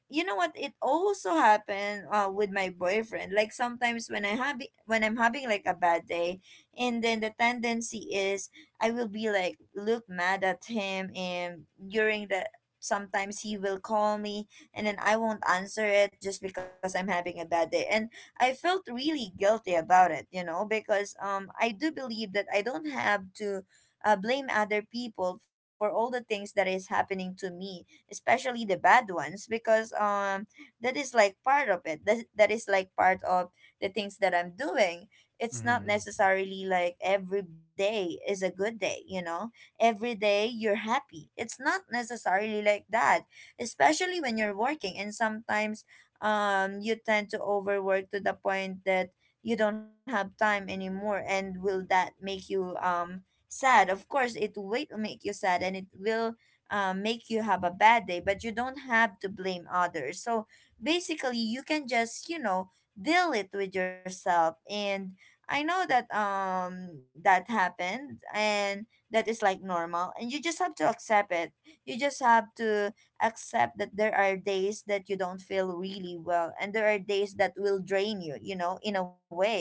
A: you know what, it also happened with my boyfriend. Like sometimes when I have when I'm having like a bad day, and then the tendency is I will be like look mad at him, and during the sometimes he will call me and then I won't answer it just because I'm having a bad day, and I felt really guilty about it, you know, because I do believe that I don't have to blame other people for all the things that is happening to me, especially the bad ones. Because that is like part of it, that is like part of the things that I'm doing. It's not
B: Mm-hmm.
A: necessarily like every day is a good day, you know, every day you're happy, it's not necessarily like that. Especially when you're working, and sometimes you tend to overwork to the point that you don't have time anymore, and will That make you sad. Of course it will make you sad, and it will make you have a bad day, but you don't have to blame others. So basically, you can just, deal it with yourself. And I know that that happened, and that is like normal, and you just have to accept it. You just have to accept that there are days that you don't feel really well, and there are days that will drain you, you know, in a way,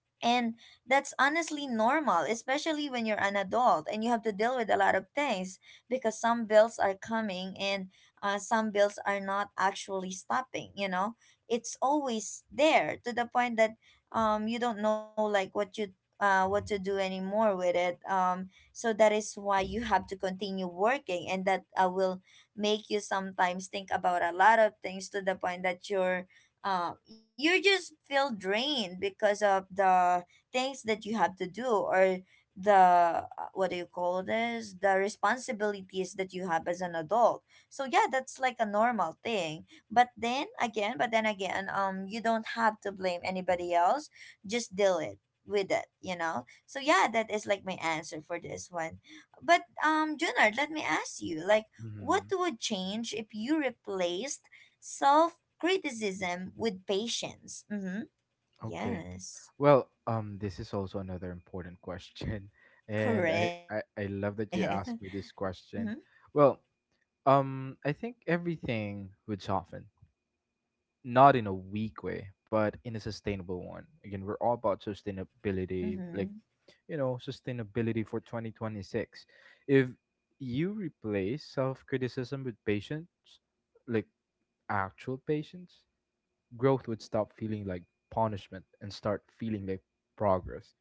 A: and that's honestly normal, especially when you're an adult and you have to deal with a lot of things, because some bills are coming and some bills are not actually stopping, you know? It's always there, to the point that you don't know like what you what to do anymore with it. So that is why you have to continue working, and that will make you sometimes think about a lot of things, to the point that you just feel drained because of the things that you have to do, or the what do you call this, the responsibilities that you have as an adult. So yeah, that's like a normal thing. But then again, you don't have to blame anybody else, just deal it with it, you know. So yeah, that is like my answer for this one. But Junard, let me ask you like, what
B: Mm-hmm.
A: would change if you replaced self criticism with patience. Mm-hmm.
B: Okay.
A: Yes,
B: This is also another important question, *laughs* and I,
A: correct.
B: I
A: *laughs*
B: I love that you
A: Mm-hmm.
B: asked me this question. Well, I think everything would soften, not in a weak way, but in a sustainable one. Again, we're all about sustainability,
A: Mm-hmm.
B: sustainability for 2026. If you replace self criticism with patience, like actual patience, growth would stop feeling like punishment and start feeling like progress.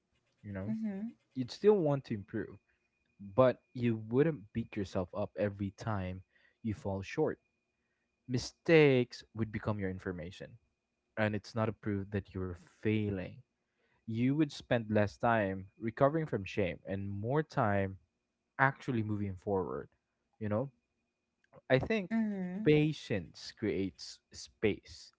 B: You know
A: Mm-hmm.
B: You'd still want to improve, but you wouldn't beat yourself up every time you fall short. Mistakes would become your information, and it's not a proof that you're failing. You would spend less time recovering from shame and more time actually moving forward. You know, I think
A: Mm-hmm.
B: patience creates space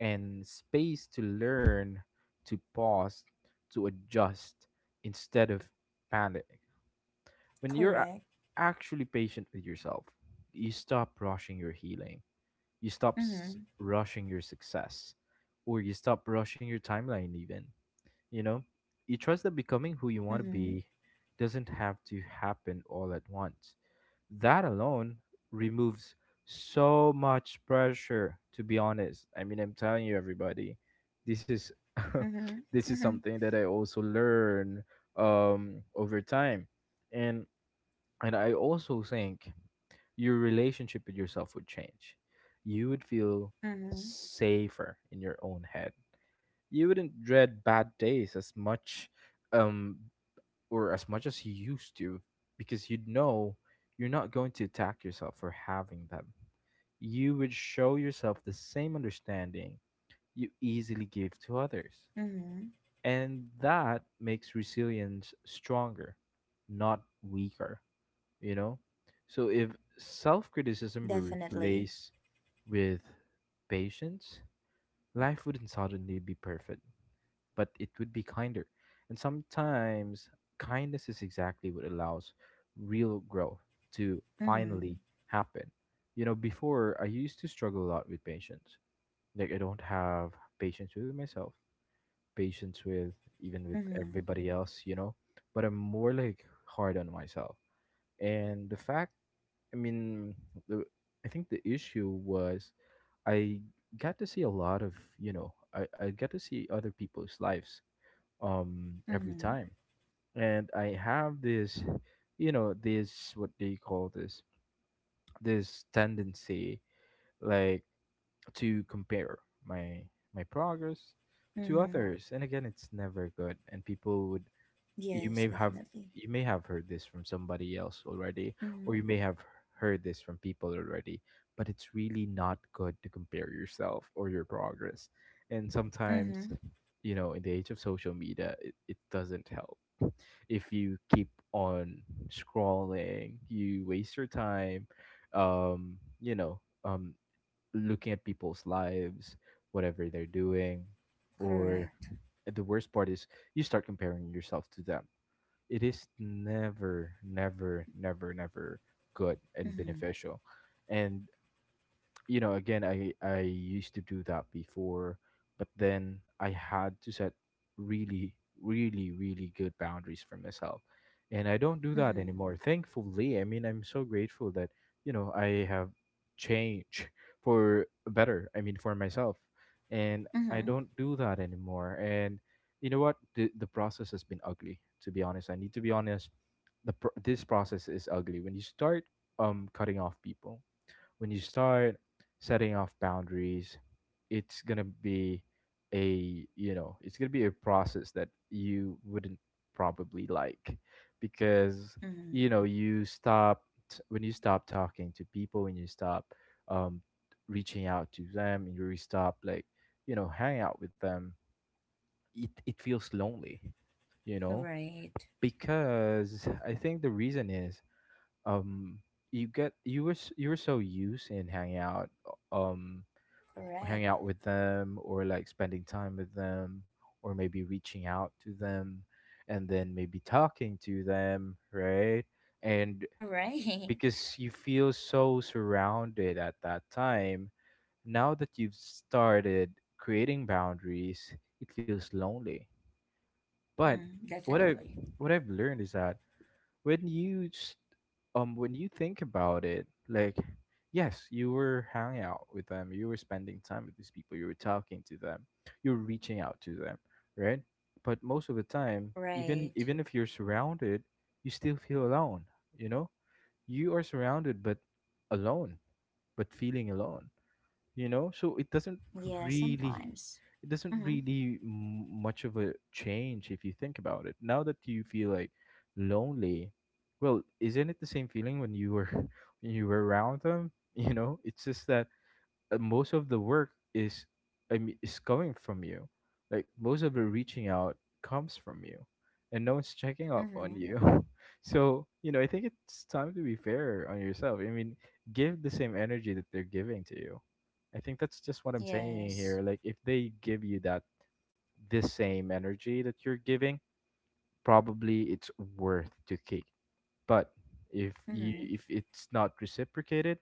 B: and space to learn, to pause, to adjust instead of panic when
A: Correct.
B: actually patient with yourself, you stop rushing your healing. You stop
A: Mm-hmm.
B: rushing your success, or you stop rushing your timeline. Even you know, you trust that becoming who you want to
A: Mm-hmm.
B: be doesn't have to happen all at once. That alone removes so much pressure. To be honest, I mean, I'm telling you, everybody, this is
A: Mm-hmm.
B: *laughs* this is
A: Mm-hmm.
B: something that I also learn over time and I also think your relationship with yourself would change. You would feel
A: Mm-hmm.
B: safer in your own head. You wouldn't dread bad days as much um or as much as you used to because you'd know you're not going to attack yourself for having them. You would show yourself the same understanding you easily give to others.
A: Mm-hmm.
B: And that makes resilience stronger, not weaker, you know so if
A: Definitely.
B: self-criticism were replaced with patience, life wouldn't suddenly be perfect, but it would be kinder, and sometimes kindness is exactly what allows real growth to
A: Mm-hmm.
B: finally happen. You know, before I used to struggle a lot with patience. Like, I don't have patience with myself, patience with, even with
A: Mm-hmm.
B: everybody else, but I'm more like hard on myself. And the fact, I mean, the, I think the issue was I got to see a lot of, you know, I got to see other people's lives every
A: Mm-hmm.
B: time. And I have this, you know, this what they call this? This tendency like to compare my progress to
A: Mm-hmm.
B: others. And again, it's never good. And people would,
A: Yes,
B: you may have,
A: definitely.
B: you may have heard this from somebody else already,
A: Mm-hmm.
B: or you may have heard this from people already, but it's really not good to compare yourself or your progress. And
A: Mm-hmm.
B: sometimes, in the age of social media, it doesn't help. If you keep on scrolling, you waste your time, um you know um looking at people's lives, whatever they're doing. Or
A: Correct.
B: the worst part is you start comparing yourself to them. It is never, never, never, never good and
A: Mm-hmm.
B: beneficial. And again, I used to do that before, but then I had to set really, really good boundaries for myself, and I don't do that
A: Mm-hmm.
B: anymore. Thankfully, I mean, I'm so grateful that, I have changed *laughs* for better, I mean, for myself, and I
A: Mm-hmm.
B: don't do that anymore. And what, the process has been ugly, to be honest. I need to be honest. This process is ugly when you start cutting off people, when you start setting off boundaries. It's going to be a, it's going to be a process that you wouldn't probably like, because,
A: Mm-hmm.
B: you stop when you stop talking to people, when you stop um reaching out to them, and you really stop, like, hang out with them, it feels lonely, you know
A: Right.
B: because I think the reason is, um you get, you were so used in hanging out, uh, um
A: Correct.
B: hanging out with them, or like spending time with them, or maybe reaching out to them, and then maybe talking to them, right? And
A: Right. *laughs*
B: because you feel so surrounded at that time, now that you've started creating boundaries, it feels lonely. But
A: Mm,
B: what I,
A: definitely.
B: what I've learned is that when when you think about it, like, yes, you were hanging out with them, you were spending time with these people, you were talking to them, you were reaching out to them, right? But most of the time,
A: Right.
B: even if you're surrounded, you still feel alone, you know you are surrounded but alone, but feeling alone, so it doesn't
A: Yeah,
B: really,
A: sometimes.
B: it doesn't
A: Mm-hmm.
B: really much of a change, if you think about it, now that you feel like lonely. Well, isn't it the same feeling when you were *laughs* when you were around them? You know, it's just that, most of the work is, I mean, is coming from you. Like, most of the reaching out comes from you, and no one's checking up on
A: Mm-hmm.
B: you. *laughs* So, you know, I think it's time to be fair on yourself. I mean, give the same energy that they're giving to you. I think that's just what I'm saying
A: Yes.
B: here. Like, if they give you that this same energy that you're giving, probably it's worth to keep. But if you,
A: Mm-hmm.
B: if it's not reciprocated,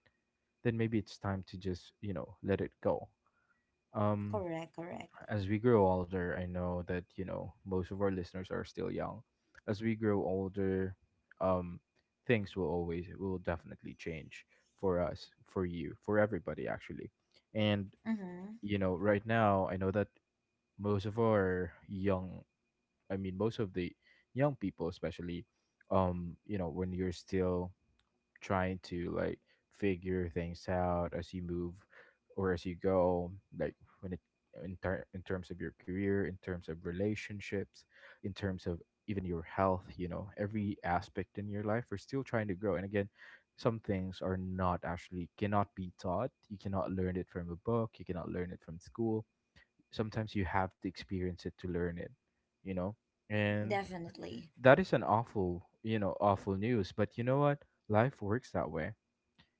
B: then maybe it's time to just, you know, let it go. um
A: Correct, correct.
B: as we grow older, I know that, you know, most of our listeners are still young. As we grow older, um things will always, will definitely change for us, for you, for everybody, actually. And,
A: Mm-hmm.
B: you know, right now, I know that most of our young I mean, most of the young people, especially, you know, when you're still trying to, like, figure things out as you move or as you go, like, when it in terms of your career, in terms of relationships, in terms of even your health. You know, every aspect in your life, we're still trying to grow. And again, some things are not, actually, cannot be taught. You cannot learn it from a book, you cannot learn it from school. Sometimes you have to experience it to learn it, you know. And
A: Definitely.
B: that is an awful, you know, awful news, but you know what, life works that way.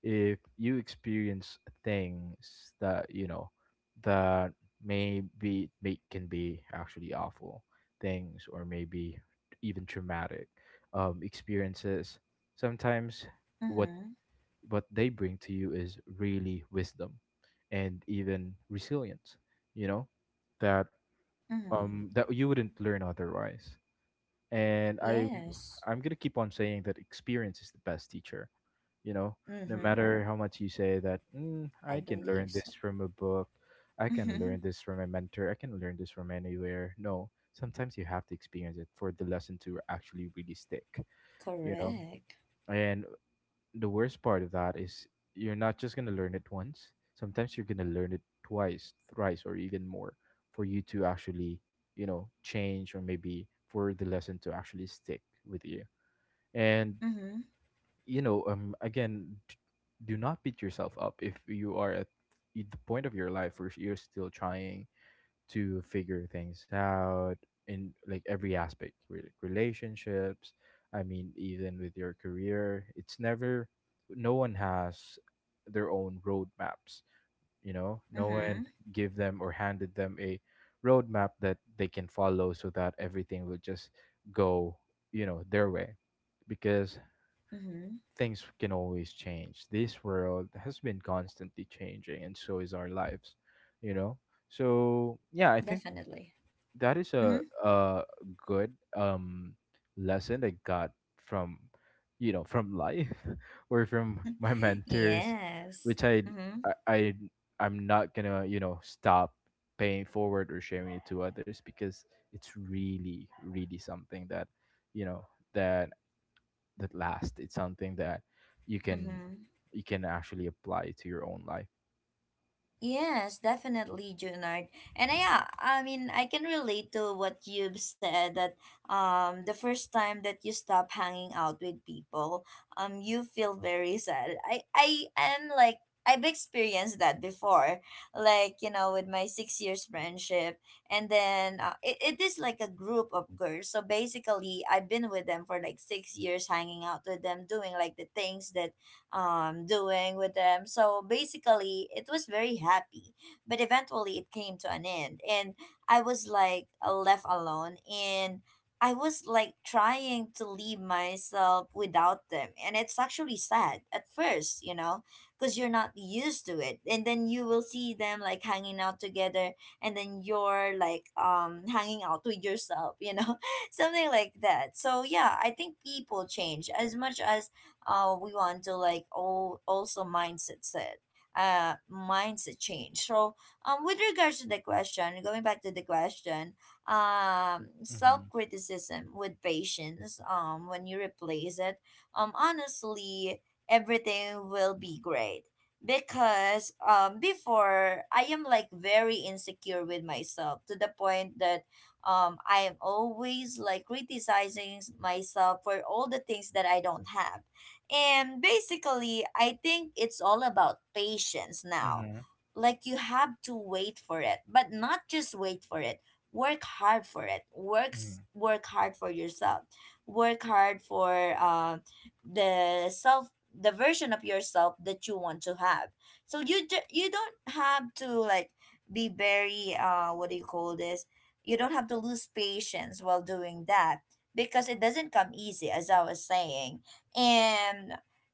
B: If you experience things that, you know, that maybe may, can be actually awful things, or maybe even traumatic experiences, sometimes what
A: Mm-hmm.
B: what they bring to you is really wisdom and even resilience, you know, that
A: Mm-hmm.
B: that you wouldn't learn otherwise. And
A: Yes.
B: I'm gonna keep on saying that experience is the best teacher, you know, no
A: Mm-hmm.
B: matter how much you say that
A: I
B: I can
A: believe
B: learn
A: so.
B: this from a book, I can
A: Mm-hmm.
B: learn this from a mentor, I can learn this from anywhere. No, sometimes you have to experience it for the lesson to actually really stick, you know.
A: Correct.
B: And the worst part of that is you're not just going to learn it once. Sometimes you're going to learn it twice, thrice, or even more for you to actually, you know, change, or maybe for the lesson to actually stick with you. And,
A: Mm-hmm.
B: you know, again, do not beat yourself up if you are at the point of your life where you're still trying to figure things out in, like, every aspect, like, relationships, I mean, even with your career. It's never, no one has their own roadmaps, you know. No one
A: Mm-hmm.
B: give them or handed them a roadmap that they can follow so that everything will just go, you know, their way. Because
A: Mm-hmm.
B: things can always change. This world has been constantly changing, and so is our lives, you know. So yeah, I think
A: Definitely.
B: that is
A: Mm-hmm.
B: a good lesson I got from, you know, from life *laughs* or from my
A: *laughs*
B: mentors,
A: Yes.
B: which
A: Mm-hmm.
B: I I- I'm not gonna, you know, stop paying forward or sharing it to others, because it's really, really something that, you know, that that lasts. It's something that you can
A: Mm-hmm.
B: you can actually apply to your own life.
A: Yes, definitely, Junard. And yeah, I mean, I can relate to what you've said, that the first time that you stop hanging out with people, you feel very sad. I am like, I've experienced that before, like you know, with my 6 years friendship, and then it, it is like a group of girls. So basically, I've been with them for like 6 years, hanging out with them, doing like the things that doing with them. So basically it was very happy, but eventually it came to an end, and I was like left alone, and I was like trying to leave myself without them, and it's actually sad at first, you know, because you're not used to it, and then you will see them like hanging out together, and then you're like hanging out with yourself, you know, *laughs* something like that. So yeah, I think people change as much as we want to like all also mindset change. So with regards to the question, going back to the question,
B: Mm-hmm.
A: self-criticism with patience, when you replace it, honestly everything will be great, because before I am like very insecure with myself, to the point that I am always like criticizing myself for all the things that I don't have. And basically, I think it's all about patience now.
B: Mm-hmm.
A: Like you have to wait for it, but not just wait for it. Work hard for it.
B: Mm-hmm.
A: Work hard for yourself. Work hard for the self the version of yourself that you want to have. So you don't have to like be very what do you call this? You don't have to lose patience while doing that, because it doesn't come easy, as I was saying. And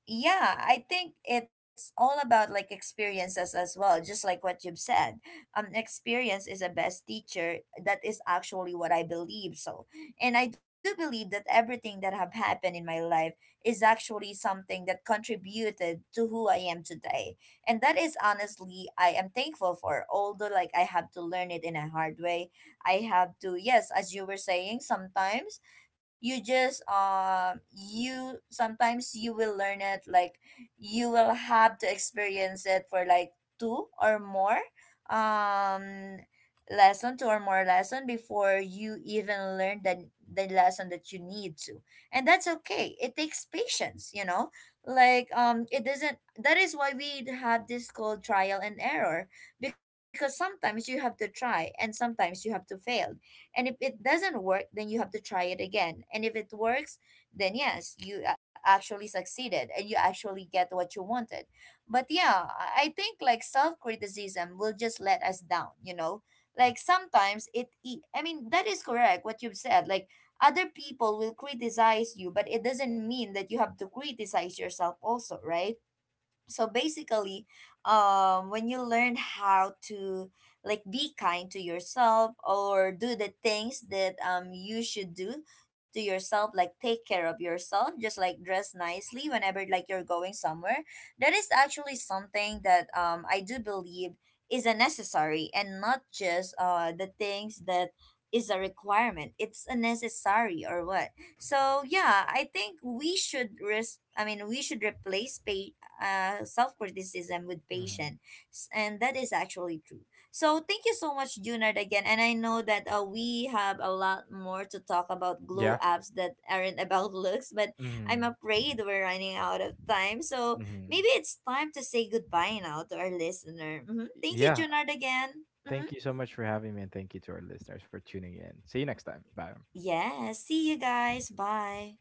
A: yeah, I think it's all about like experiences as well, just like what you've said. Experience is a best teacher. That is actually what I believe. So, and I do believe that everything that have happened in my life is actually something that contributed to who I am today. And that is honestly, I am thankful for, although like I have to learn it in a hard way. I have to, yes, as you were saying, sometimes you sometimes you will learn it like, you will have to experience it for like two or more um lesson two or more lesson before you even learn the lesson that you need to. And that's okay, it takes patience, you know. Like it doesn't, that is why we have this called trial and error, because sometimes you have to try and sometimes you have to fail. And if it doesn't work, then you have to try it again, and if it works, then yes, actually succeeded, and you actually get what you wanted. But yeah, I think like self-criticism will just let us down, you know. Like sometimes I mean, that is correct what you've said. Like other people will criticize you, but it doesn't mean that you have to criticize yourself also, right? So basically, when you learn how to like be kind to yourself, or do the things that you should do to yourself, like take care of yourself, just like dress nicely whenever like you're going somewhere, that is actually something that I do believe is a necessary, and not just the things that is a requirement. It's a necessary or what. So yeah, I think we should I mean, we should self-criticism with
B: Mm-hmm.
A: patience. And that is actually true. So thank you so much, Junard, again. And I know that we have a lot more to talk about,
B: Yeah.
A: glow apps that aren't *laughs* about looks, but
B: Mm-hmm.
A: I'm afraid we're running out of time, so
B: Mm-hmm.
A: maybe it's time to say goodbye now to our listener. Hmm. Thank you,
B: Yeah,
A: Junard, again. Hmm.
B: thank you so much for having me, and thank you to our listeners for tuning in. See you next time. Bye.
A: Yeah, see you guys. Bye.